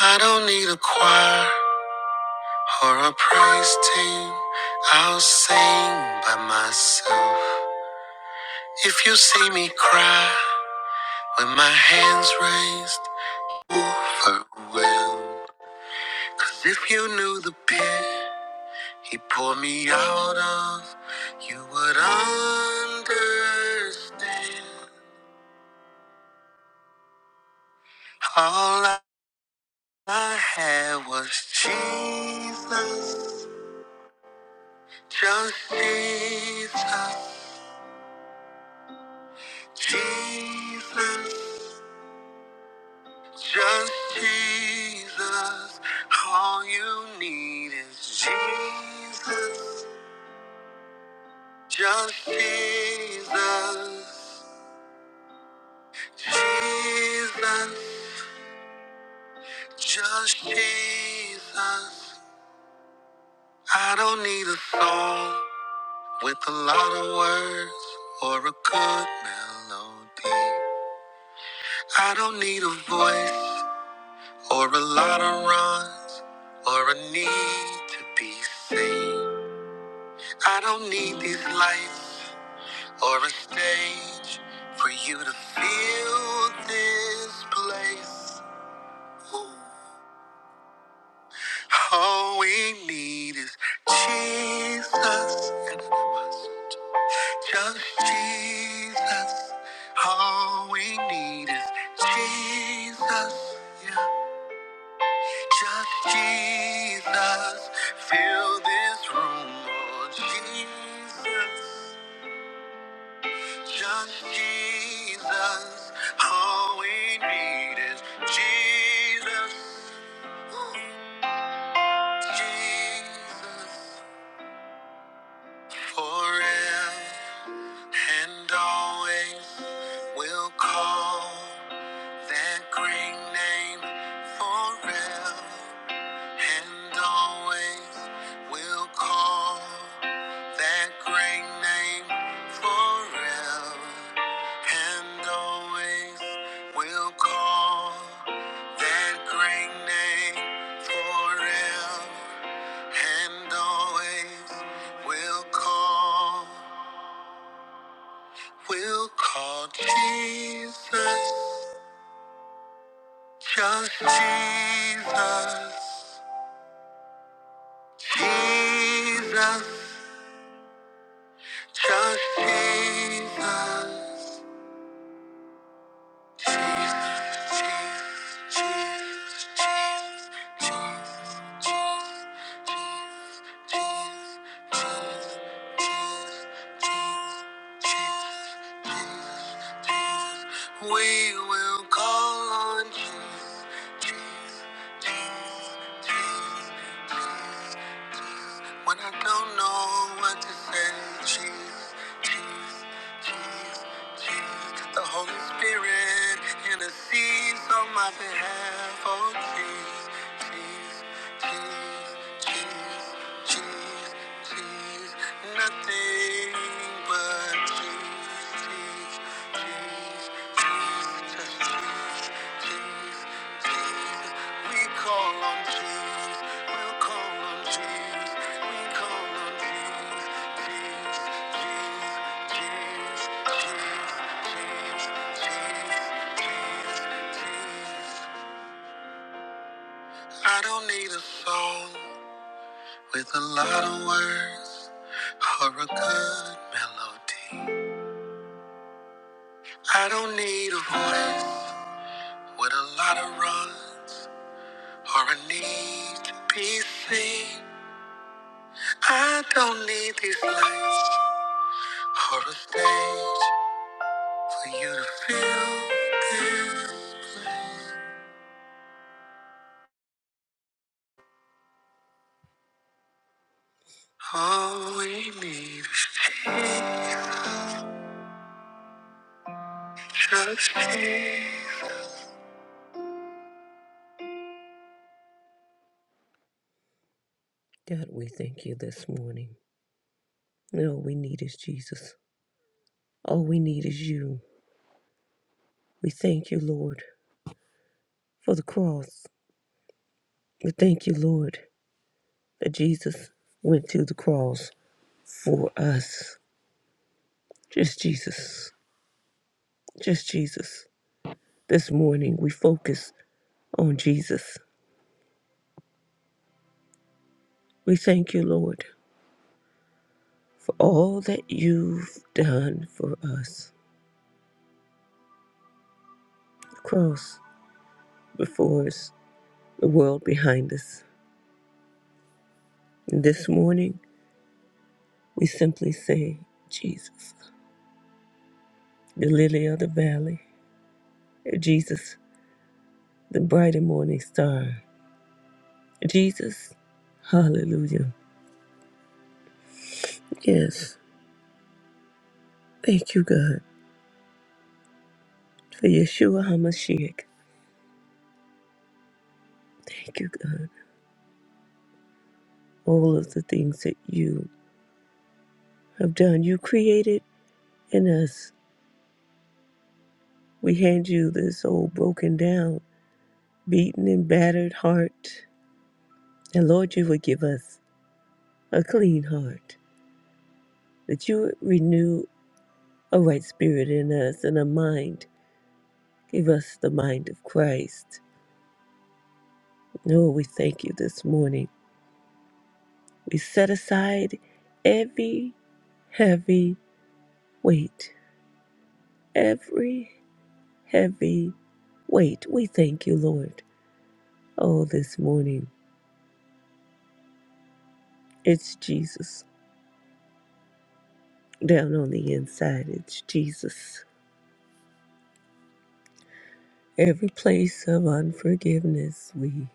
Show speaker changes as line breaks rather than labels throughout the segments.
I don't need a choir or a praise team. I'll sing by myself. If you see me cry with my hands raised, overwhelmed. Cause if you knew the pit he pulled me out of, you would understand. All I had was Jesus, just Jesus, Jesus, just Jesus. All you need is Jesus, just Jesus, Jesus. Just Jesus. I don't need a song with a lot of words or a good melody. I don't need a voice or a lot of runs or a need to be seen. I don't need these lights or a stage for you to feel this place. Ooh. All we need is Jesus. Just Jesus. All we need is Jesus. Yeah. Just Jesus. Fill this room, Lord Jesus. Just Jesus. All we need is Jesus. Jesus. Forever. And always we'll call that great name forever. And always we'll call that great name forever. And always we'll call that great name forever. And always we'll call. We'll call Jesus, just Jesus, Jesus, just Jesus. We will call on Jesus, Jesus, Jesus, Jesus, Jesus, Jesus. When I don't know what to say, Jesus, Jesus, Jesus, Jesus. The Holy Spirit intercedes on my behalf. Oh, Jesus, Jesus, Jesus, Jesus, Jesus, nothing but Jesus, Jesus, Jesus, just Jesus, Jesus. Jesus. I don't need a song with a lot of words or a good melody. I don't need a voice with a lot of runs or a need to be seen. I don't need these lights or a stage for you to feel this. All we need is Jesus, just Jesus. God, we thank you this morning. And All we need is Jesus. All we need is you. We thank you, Lord, for the cross. We thank you, Lord, that Jesus went to the cross for us. Just Jesus. Just Jesus. This morning we focus Oh, Jesus, we thank you, Lord, for all that you've done for us. The cross before us, the world behind us. And this morning, we simply say, Jesus, the lily of the valley, Jesus, the bright and morning star, Jesus, hallelujah. Yes, thank you, God, for Yeshua HaMashiach. Thank you, God, all of the things that you have done. You created in us We hand you this old broken down, beaten and battered heart. And Lord, you would give us a clean heart, that you would renew a right spirit in us and a mind. Give us the mind of Christ. Lord, we thank you this morning. We set aside every heavy weight, every heavy weight. We thank you, Lord. Oh, this morning, it's Jesus. Down on the inside, it's Jesus. Every place of unforgiveness, we,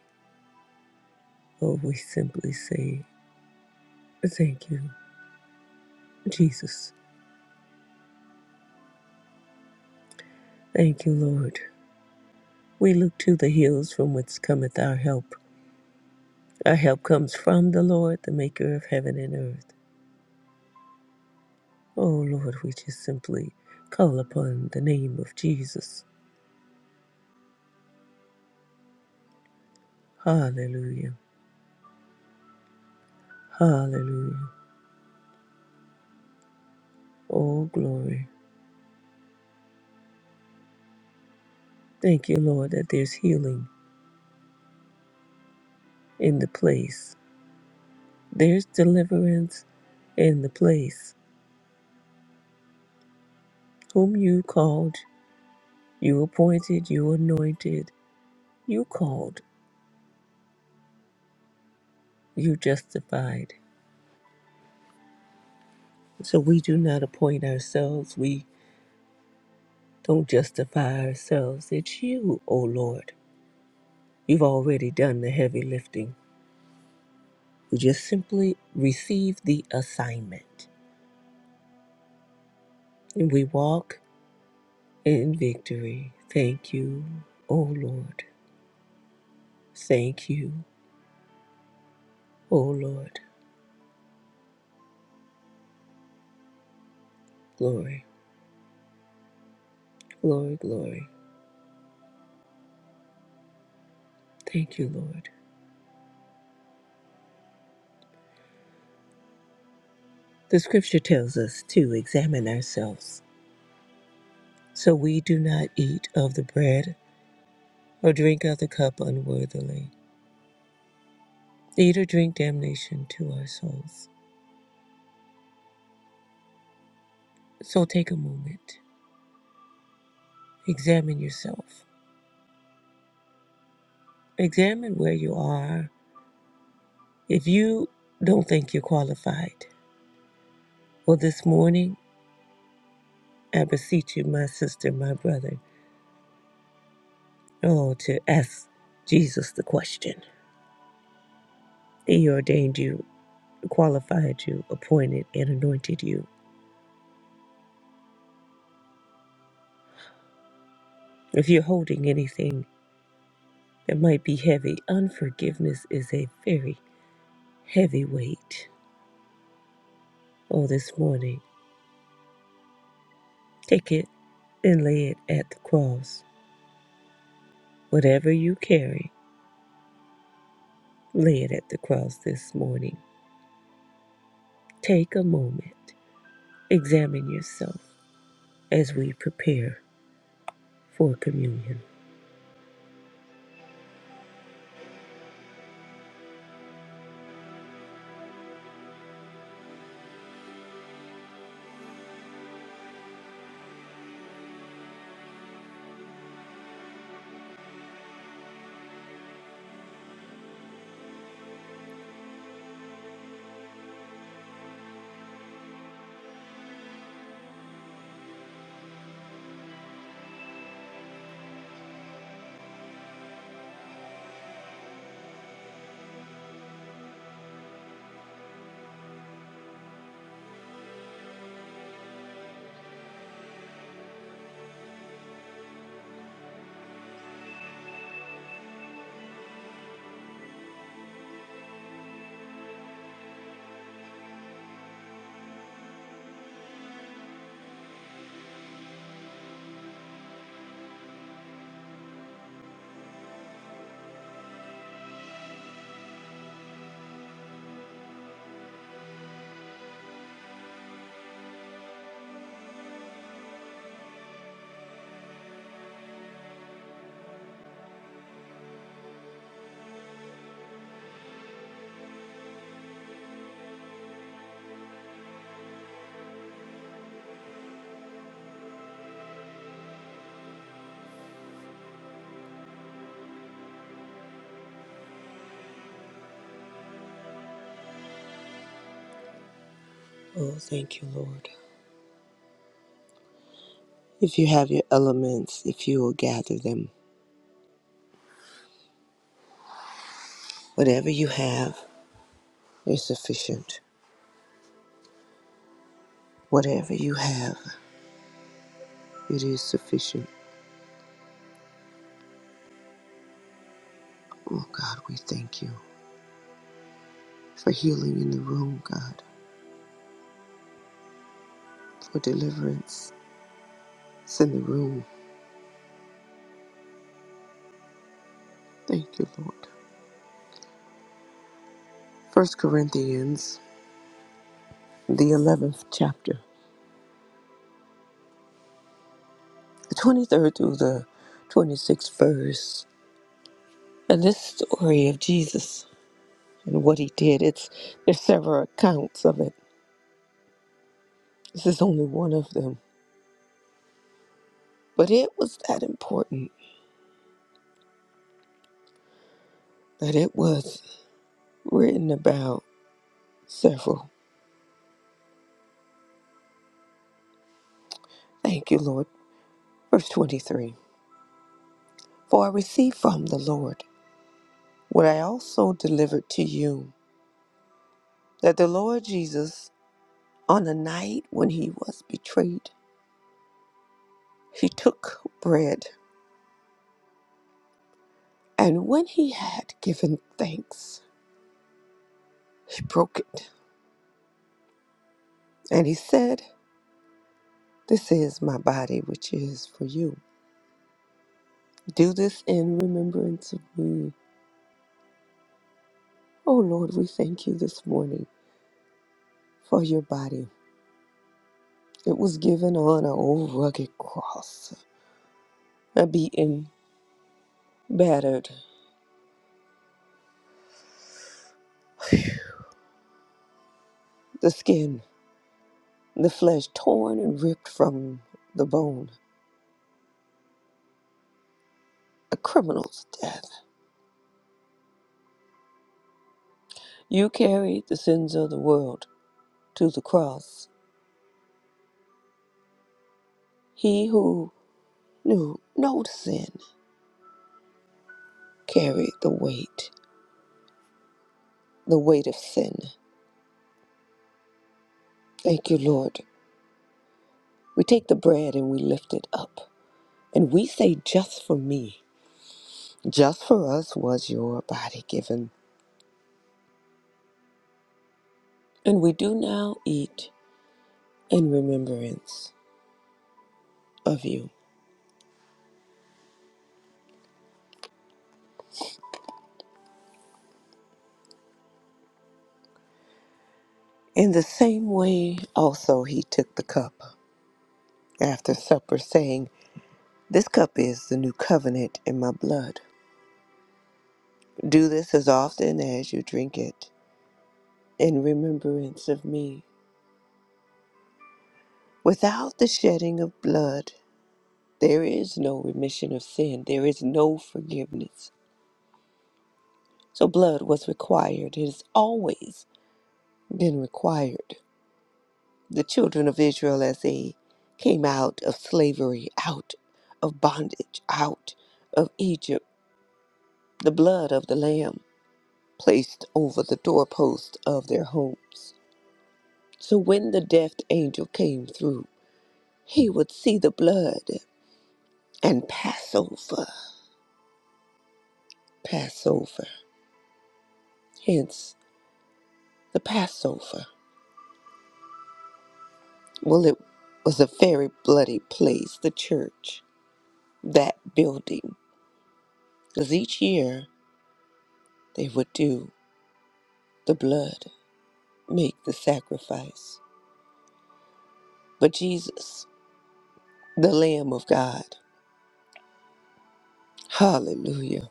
always simply say, Thank you, Jesus. Thank you, Lord. We look to the hills from whence cometh our help. Our help comes from the Lord, the maker of heaven and earth. Oh, Lord, we just simply call upon the name of Jesus. Hallelujah. Hallelujah. Oh, glory. Thank you, Lord, that there's healing in the place, there's deliverance in the place. whom you called, you appointed, you anointed, you called, you justified. So we do not appoint ourselves, we don't justify ourselves. It's you, O Lord. You've already done the heavy lifting. We just simply receive the assignment and we walk in victory. Thank you, O Lord. Thank you, O Lord. Glory, glory, glory. Thank you, Lord. The scripture tells us to examine ourselves so we do not eat of the bread or drink of the cup unworthily, eat or drink damnation to our souls. So take a moment, examine yourself, examine where you are. If you don't think you're qualified, well, this morning I beseech you, my sister, my brother, oh, to ask Jesus the question. He ordained you, qualified you, appointed, and anointed you. If you're holding anything that might be heavy, unforgiveness is a very heavy weight. Oh, this morning, take it and lay it at the cross. Whatever you carry, lay it at the cross this morning. Take a moment, examine yourself as we prepare for communion. Oh, thank you, Lord. If you have your elements, if you will gather them, whatever you have is sufficient. Whatever you have, it is sufficient. Oh God, we thank you for healing in the room, God, for deliverance It's in the room. Thank you, Lord. First Corinthians, the 11th chapter, the 23rd through the 26th verse. And this story of Jesus and what he did, it's there's several accounts of it. This is only one of them. But it was that important that it was written about several. Thank you, Lord. Verse 23. For I received from the Lord What I also delivered to you that the Lord Jesus, on the night when he was betrayed, he took bread, and when he had given thanks, he broke it, and he said, This is my body, which is for you. Do this in remembrance of me. Oh Lord, we thank you this morning for your body. It was given on a old rugged cross, and beaten, battered, the skin. the flesh torn and ripped from the bone, a criminal's death. You carried the sins of the world to the cross. He who knew no sin carried the weight, the weight of sin. Thank you, Lord. We take the bread and we lift it up, and we say, Just for me, just for us was your body given. And we do now eat in remembrance of you. In the same way, also, he took the cup. after supper, saying, This cup is the new covenant in my blood. Do this as often as you drink it in remembrance of me. Without the shedding of blood, there is no remission of sin, there is no forgiveness. So, blood was required, it has always been required. The children of Israel, as they came out of slavery, out of bondage, out of Egypt, the blood of the Lamb placed over the doorpost of their homes. So when the death angel came through, he would see the blood and pass over, pass over. Hence the Passover. Well, it was a very bloody place, the church, that building, because each year they would do the blood, make the sacrifice. But Jesus, the Lamb of God, hallelujah.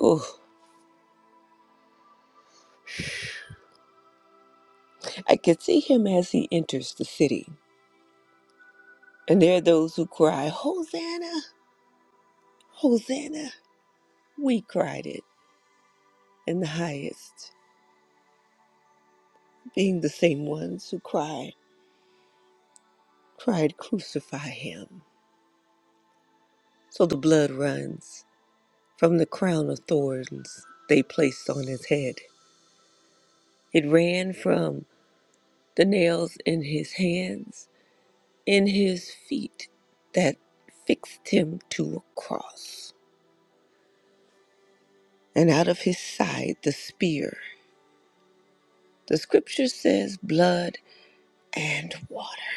Oh, I could see him as he enters the city. And there are those who cry, Hosanna, Hosanna. We cried it in the highest, being the same ones who cried, cried, Crucify him. So the blood runs from the crown of thorns they placed on his head. It ran from the nails in his hands, in his feet that fixed him to a cross, and out of his side the spear The scripture says blood and water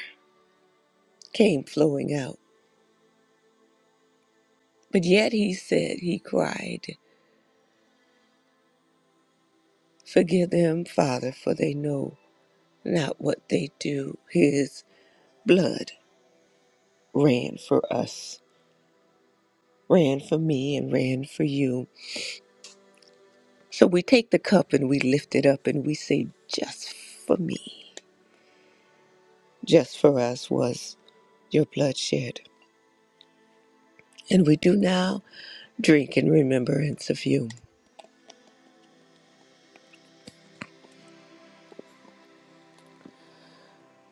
came flowing out. But yet he said, he cried, Forgive them, Father, for they know not what they do. His blood ran for us, ran for me, and ran for you. So we take the cup and we lift it up and we say, Just for me, just for us was your blood shed. And we do now drink in remembrance of you.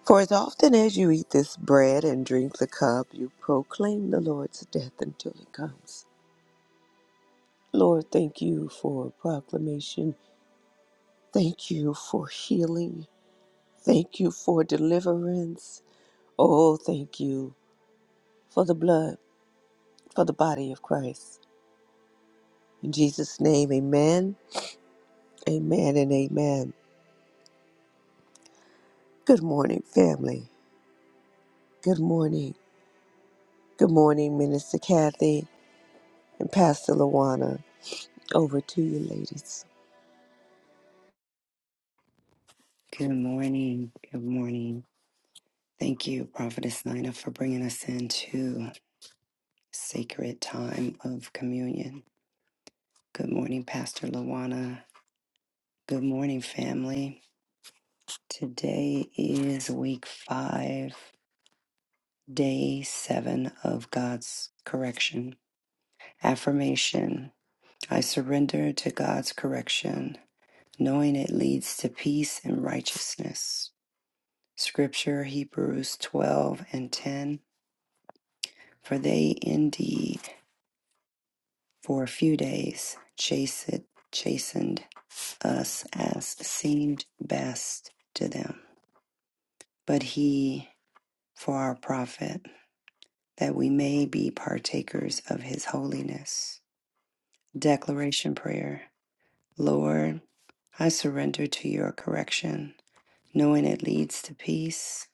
For as often as you eat this bread and drink the cup, you proclaim the Lord's death until he comes. Lord, thank you for proclamation. Thank you for healing. Thank you for deliverance. Oh, thank you for the blood, for the body of Christ. In Jesus' name, amen, amen, and amen. Good morning, family. Good morning. Good morning, Minister Kathy and Pastor Lawana. Over to you, ladies.
Good morning. Good morning. Thank you, Prophetess Nina, for bringing us into sacred time of communion. Good morning, Pastor Lawana. Good morning, family. Today is week five, day seven of God's correction. Affirmation I surrender to God's correction, knowing it leads to peace and righteousness. Scripture Hebrews 12 and 10. For they indeed For a few days, chased, chastened us as seemed best to them. But he, for our profit, that we may be partakers of his holiness. Declaration Prayer Lord, I surrender to your correction, knowing it leads to peace,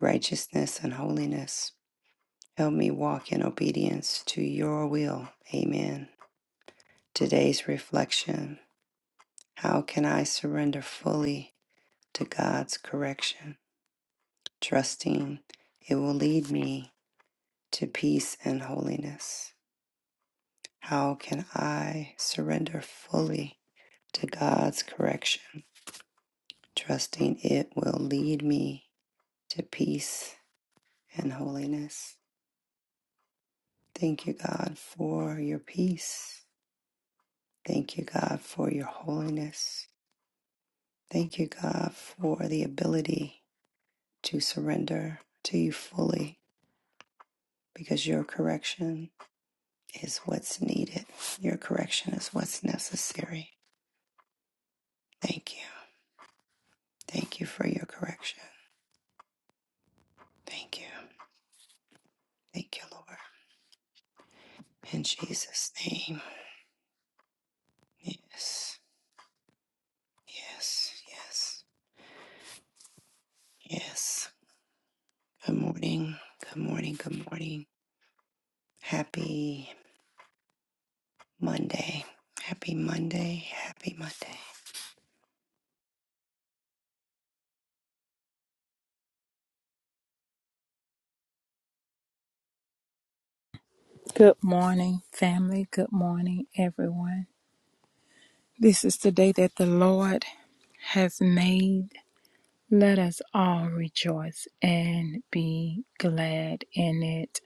righteousness, and holiness. Help me walk in obedience to your will. Amen. Today's reflection How can I surrender fully? to God's correction, trusting it will lead me to peace and holiness. How can I surrender fully to God's correction, trusting it will lead me to peace and holiness? Thank you, God, for your peace. Thank you, God, for your holiness. Thank you, God, for the ability to surrender to you fully because your correction is what's needed. Your correction is what's necessary. Thank you. Thank you for your correction. Thank you. Thank you, Lord. In Jesus' name. Yes. Yes. Yes. Yes. Good morning. Good morning. Good morning. Happy Monday. Happy Monday. Happy Monday.
Good morning, family. Good morning, everyone. This is the day that the Lord has made. Let us all rejoice and be glad in it.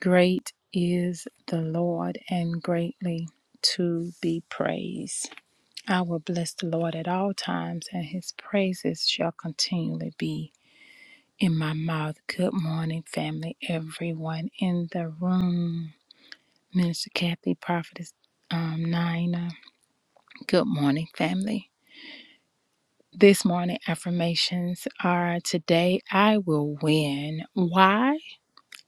Great is the Lord and greatly to be praised. I will bless the Lord at all times, and his praises shall continually be in my mouth. Good morning, family, everyone in the room. Minister Kathy, Prophetess um, Nina. Good morning, family. This morning affirmations are today I will win. Why?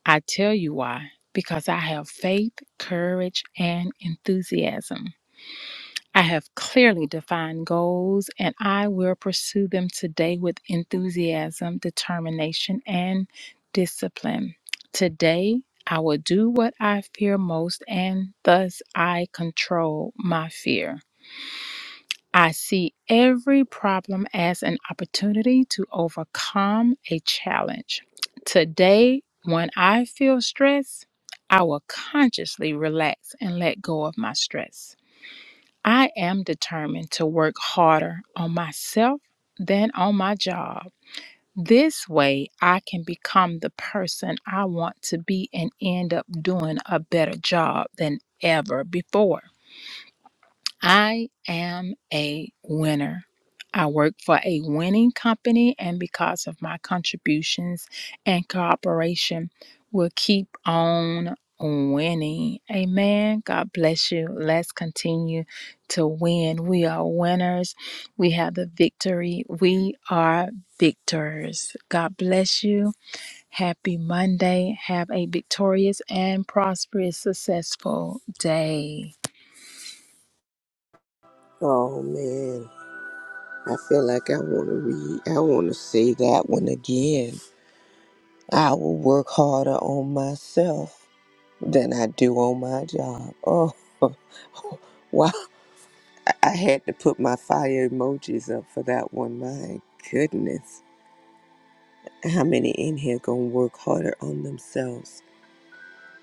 I tell you why. Because I have faith, courage, and enthusiasm. I have clearly defined goals and I will pursue them today with enthusiasm, determination, and discipline. Today, I will do what I fear most, and thus I control my fear. I see every problem as an opportunity to overcome a challenge. Today, when I feel stress, I will consciously relax and let go of my stress. I am determined to work harder on myself than on my job. This way, I can become the person I want to be and end up doing a better job than ever before. I am a winner. I work for a winning company, and because of my contributions and cooperation, we'll keep on winning. Amen. God bless you. Let's continue to win. We are winners. We have the victory. We are victors. God bless you. Happy Monday. Have a victorious and prosperous, successful day.
Oh, man. I feel like I want to read. I want to say that one again. I will work harder on myself than I do on my job. Oh, wow. I I had to put my fire emojis up for that one. My goodness. How many in here going to work harder on themselves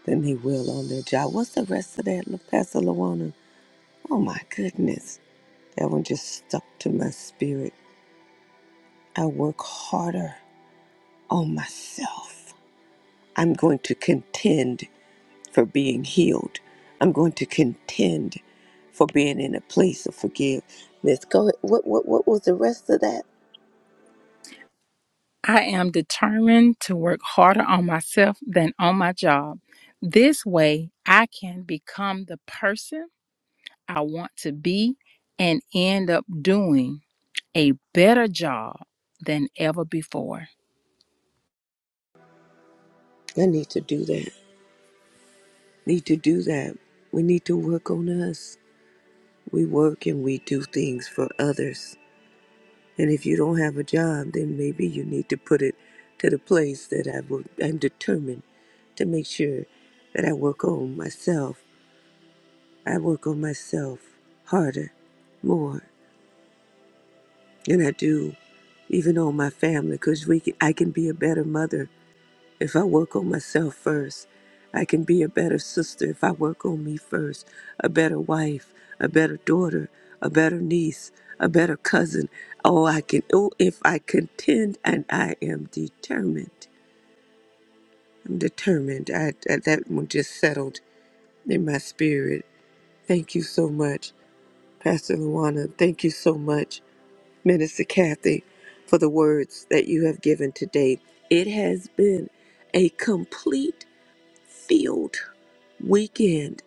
than they will on their job? What's the rest of that, La Pastor Luana? Oh, my goodness. That one just stuck to my spirit. I work harder on myself I'm going to contend for being healed. I'm going to contend for being in a place of forgiveness. Go ahead. What, what, what was the rest of that?
I am determined to work harder on myself than on my job. This way, I can become the person I want to be and end up doing a better job than ever before.
I need to do that. Need to do that. We need to work on us. We work and we do things for others. And if you don't have a job, then maybe you need to put it to the place that I will. I'm determined to make sure that I work on myself. I work on myself harder, more. and I do, even on my family, because we can, I can be a better mother if I work on myself first. I can be a better sister if I work on me first, a better wife, a better daughter, a better niece, a better cousin. Oh, I can. Oh, if I contend and I am determined. I'm determined. I, I that one just settled in my spirit. Thank you so much, Pastor Luana. Thank you so much Minister Kathy, for the words that you have given today. It has been a complete field weekend.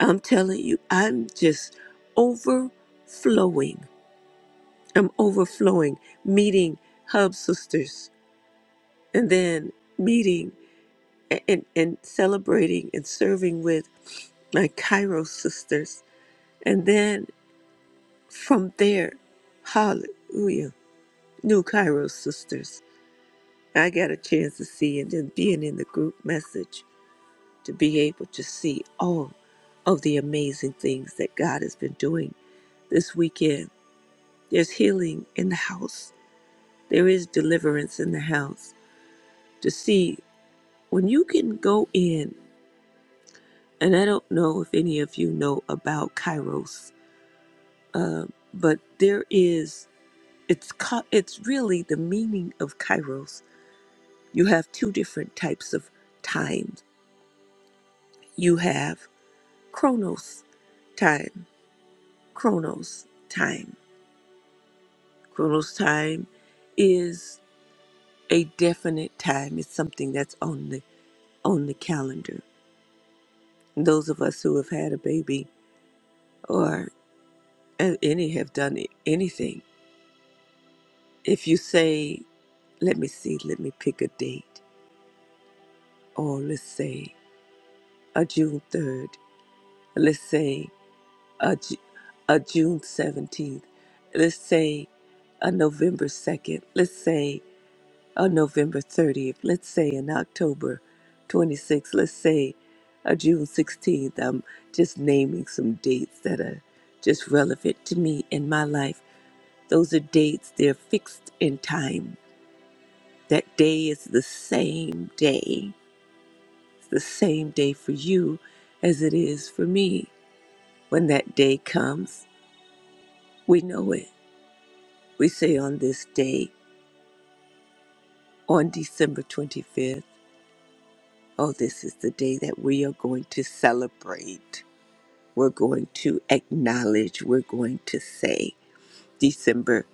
I'm telling you, I'm just overflowing. I'm overflowing, meeting Hub Sisters and then meeting a- and, and celebrating and serving with my Cairo sisters. And then from there, hallelujah, New Cairo sisters I got a chance to see, and then being in the group message to be able to see all of the amazing things that God has been doing this weekend. There's healing in the house, there is deliverance in the house. To see when you can go in, and I don't know if any of you know about Kairos, uh, but there is, it's, co- it's really the meaning of Kairos. You have two different types of times. You have chronos time. Chronos time. Chronos time is a definite time. It's something that's on the on the calendar. Those of us who have had a baby or a- any have done it- anything. If you say, let me see, let me pick a date, or let's say a June 3rd, let's say a, Ju- a June 17th, let's say a November 2nd, let's say on November 30th, let's say in October 26th, let's say uh, June 16th. I'm just naming some dates that are just relevant to me in my life. Those are dates, they're fixed in time. That day is the same day. It's the same day for you as it is for me. When that day comes, we know it. We say on this day, on December 25th, oh, this is the day that we are going to celebrate we're going to acknowledge, we're going to say December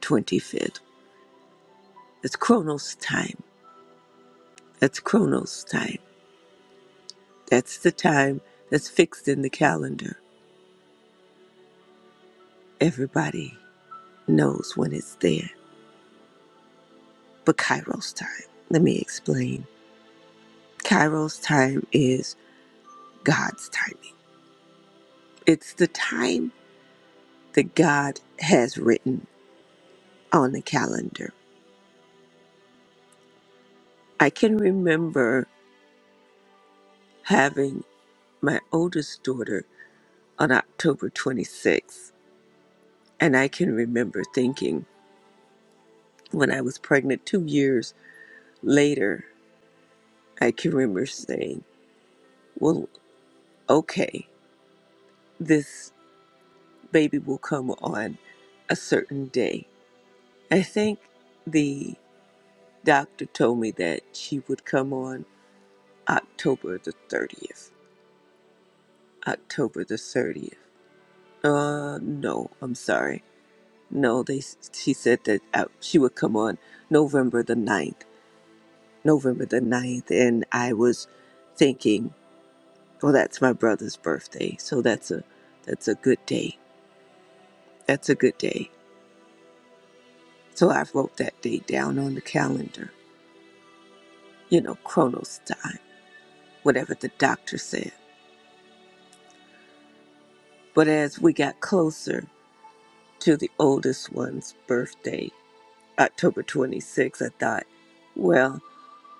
25th. It's Chronos time. That's Chronos time. That's the time that's fixed in the calendar. Everybody knows when it's there, but Kairos time. Let me explain. Kairos time is God's timing, it's the time that God has written on the calendar. I can remember having my oldest daughter on October 26th. And I can remember thinking when I was pregnant two years later, I can remember saying, well, okay, this baby will come on a certain day. I think the doctor told me that she would come on October the 30th. October the 30th. Uh, no, I'm sorry. No, they. She said that uh, she would come on November the ninth. November the ninth, and I was thinking, well, that's my brother's birthday, so that's a that's a good day. That's a good day. So I wrote that date down on the calendar, you know, Chronos time, whatever the doctor said. But as we got closer to the oldest one's birthday, October 26th, I thought, well,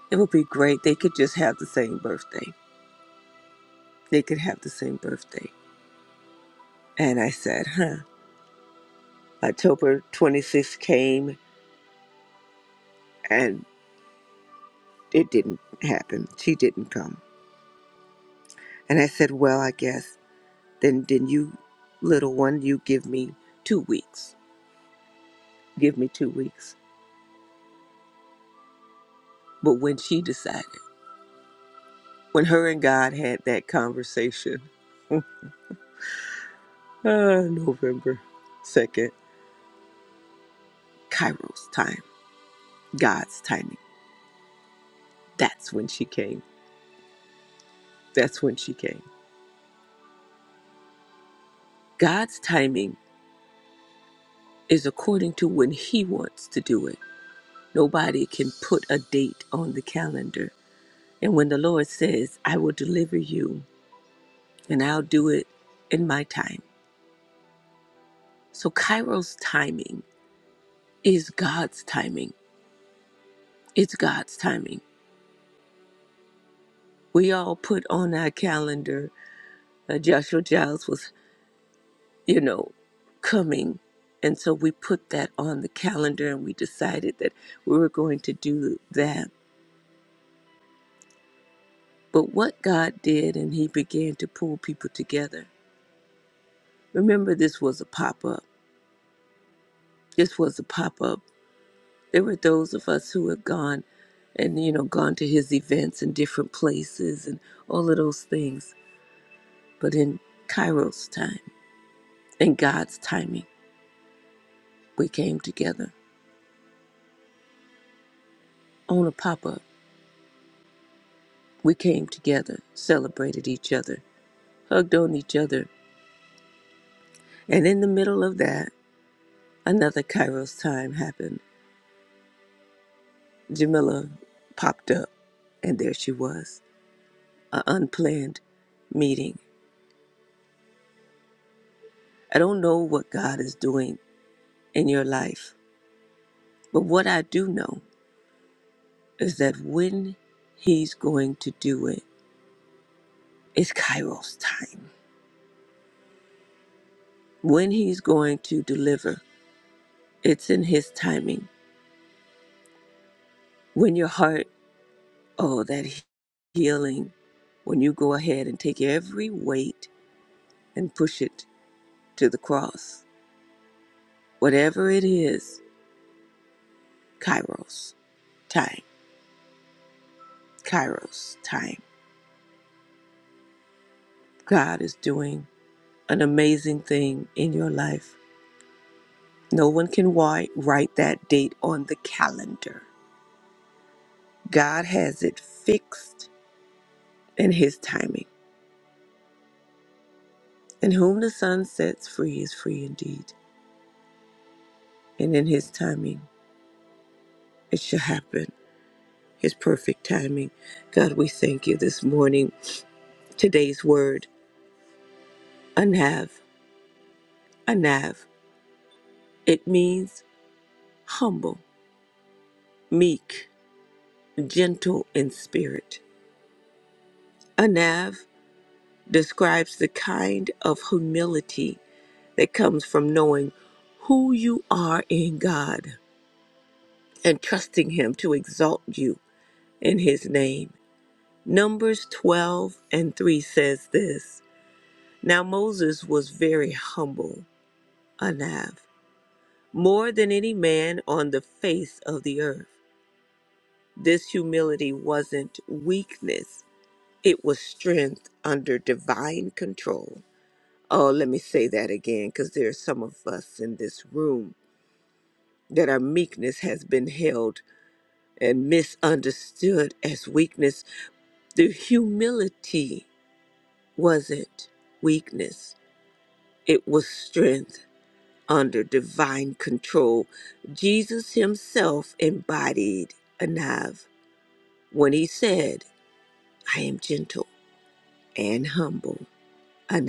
it would be great. They could just have the same birthday. They could have the same birthday. And I said, huh. October 26th came and it didn't happen. She didn't come. And I said, Well, I guess then then you little one, you give me two weeks. Give me two weeks. But when she decided, when her and God had that conversation, uh, November 2nd, Cairo's time, God's timing, that's when she came. That's when she came. God's timing is according to when He wants to do it. Nobody can put a date on the calendar And when the Lord says, I will deliver you and I'll do it in my time. So Cairo's timing is God's timing. It's God's timing. We all put on our calendar uh, Joshua Giles was, you know, coming. And so we put that on the calendar and we decided that we were going to do that. But what God did, and He began to pull people together. Remember, this was a pop up. This was a pop up There were those of us who had gone and, you know, gone to his events in different places and all of those things. But in Kairos time, in God's timing, we came together on a pop up. We came together, celebrated each other, hugged on each other. And in the middle of that, another Kairos time happened. Jamila popped up, and there she was, an unplanned meeting. I don't know what God is doing in your life But what I do know is that when he's going to do it, it's Kairos time. When he's going to deliver, it's in his timing. When your heart, oh, that he- healing, when you go ahead and take every weight and push it to the cross, whatever it is, Kairos time, Kairos time. God is doing an amazing thing in your life. No one can wi- write that date on the calendar. God has it fixed in His timing. And whom the Son sets free is free indeed. And in His timing, it shall happen. His perfect timing. God, we thank you this morning. Today's word, anav, anav. It means humble, meek, gentle in spirit. Anav describes the kind of humility that comes from knowing who you are in God and trusting Him to exalt you in his name. Numbers 12 and 3 says this Now Moses was very humble, Anav, more than any man on the face of the earth. This humility wasn't weakness, it was strength under divine control. Oh, let me say that again because there are some of us in this room that our meekness has been held and misunderstood as weakness. The humility wasn't weakness, it was strength under divine control. Jesus himself embodied Anav when he said, I am gentle and humble, Anav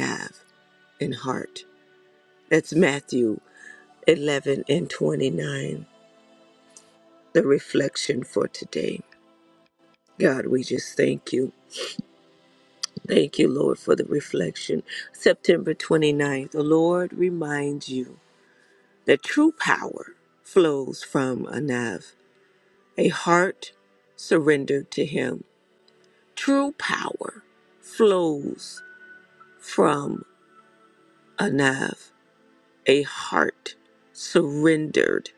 in heart. That's Matthew 11 and 29, the reflection for today. God, we just thank you. Thank you, Lord, for the reflection. September twenty ninth. the Lord reminds you The true power flows from Anav, a heart surrendered to Him. True power flows from Anav, a heart surrendered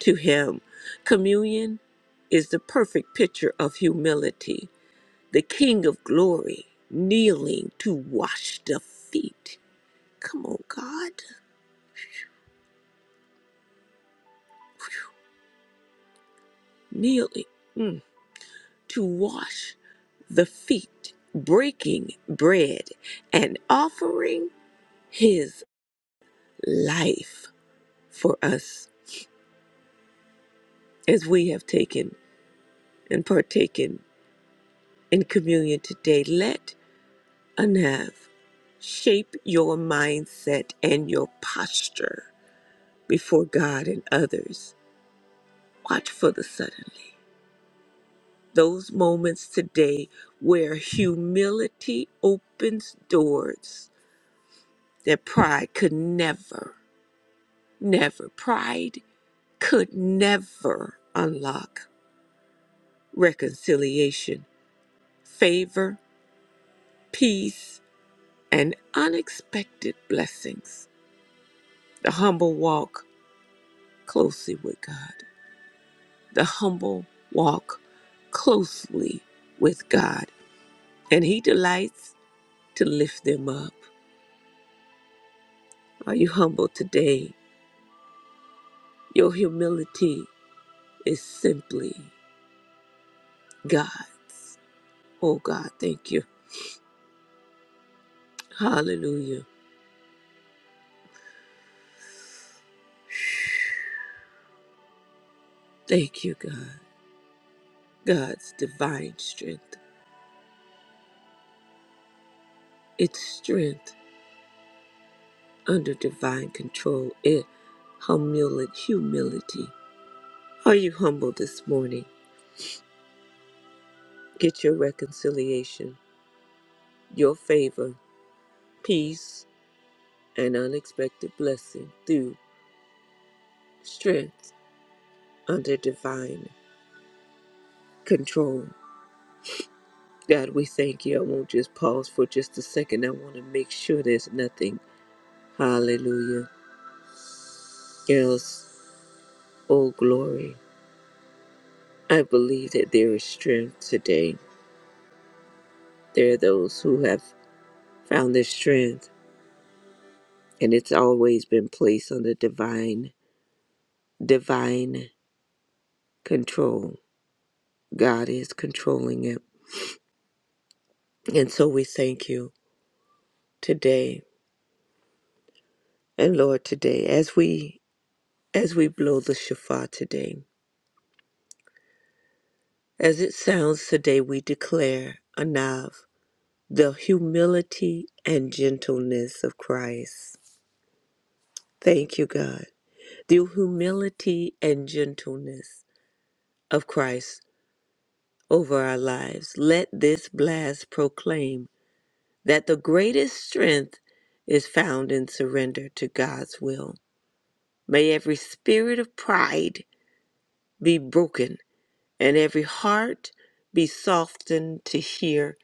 to Him. Communion is the perfect picture of humility, the King of glory kneeling to wash the feet. Come on, God, kneeling. Mm. to wash the feet, breaking bread, and offering his life for us as we have taken and partaken in communion today. Let Anav shape your mindset and your posture before God and others. Watch for the suddenly. Those moments today where humility opens doors that pride could never. Never. Pride could never unlock reconciliation, favor, peace, and unexpected blessings. The humble walk closely with God. The humble walk closely with God. And He delights to lift them up. Are you humble today? Your humility is simply God. Oh, God, thank you. Hallelujah. Thank you, God. God's divine strength. It's strength under divine control. It humili- humility. Are you humble this morning? Get your reconciliation, your favor, peace, and unexpected blessing through strength under divine control. God, we thank you. I won't just pause for just a second. I want to make sure there's nothing. Hallelujah. Else, oh glory. I believe that there is strength today There are those who have found their strength, and it's always been placed under divine, divine control. God is controlling it. And so we thank you today. And Lord, today, as we as we blow the shofar today, as it sounds today, we declare Anav, the humility and gentleness of Christ. Thank you, God. The humility and gentleness of Christ. over our lives. Let this blast proclaim that the greatest strength is found in surrender to God's will. May every spirit of pride be broken and every heart be softened to hear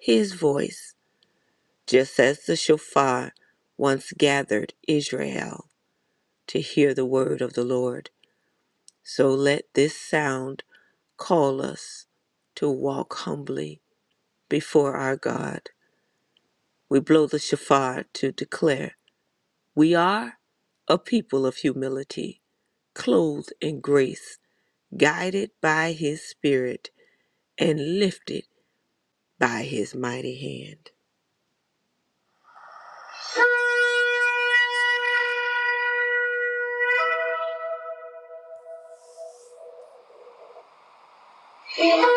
his voice, just as the shofar once gathered Israel to hear the word of the Lord. So let this sound call us to walk humbly before our God We blow the shofar to declare we are a people of humility, clothed in grace, guided by His Spirit, and lifted by His mighty hand. Thank you.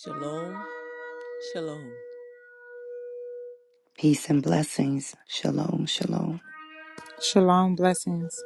Shalom, shalom.
Peace and blessings. Shalom. Shalom.
Shalom blessings.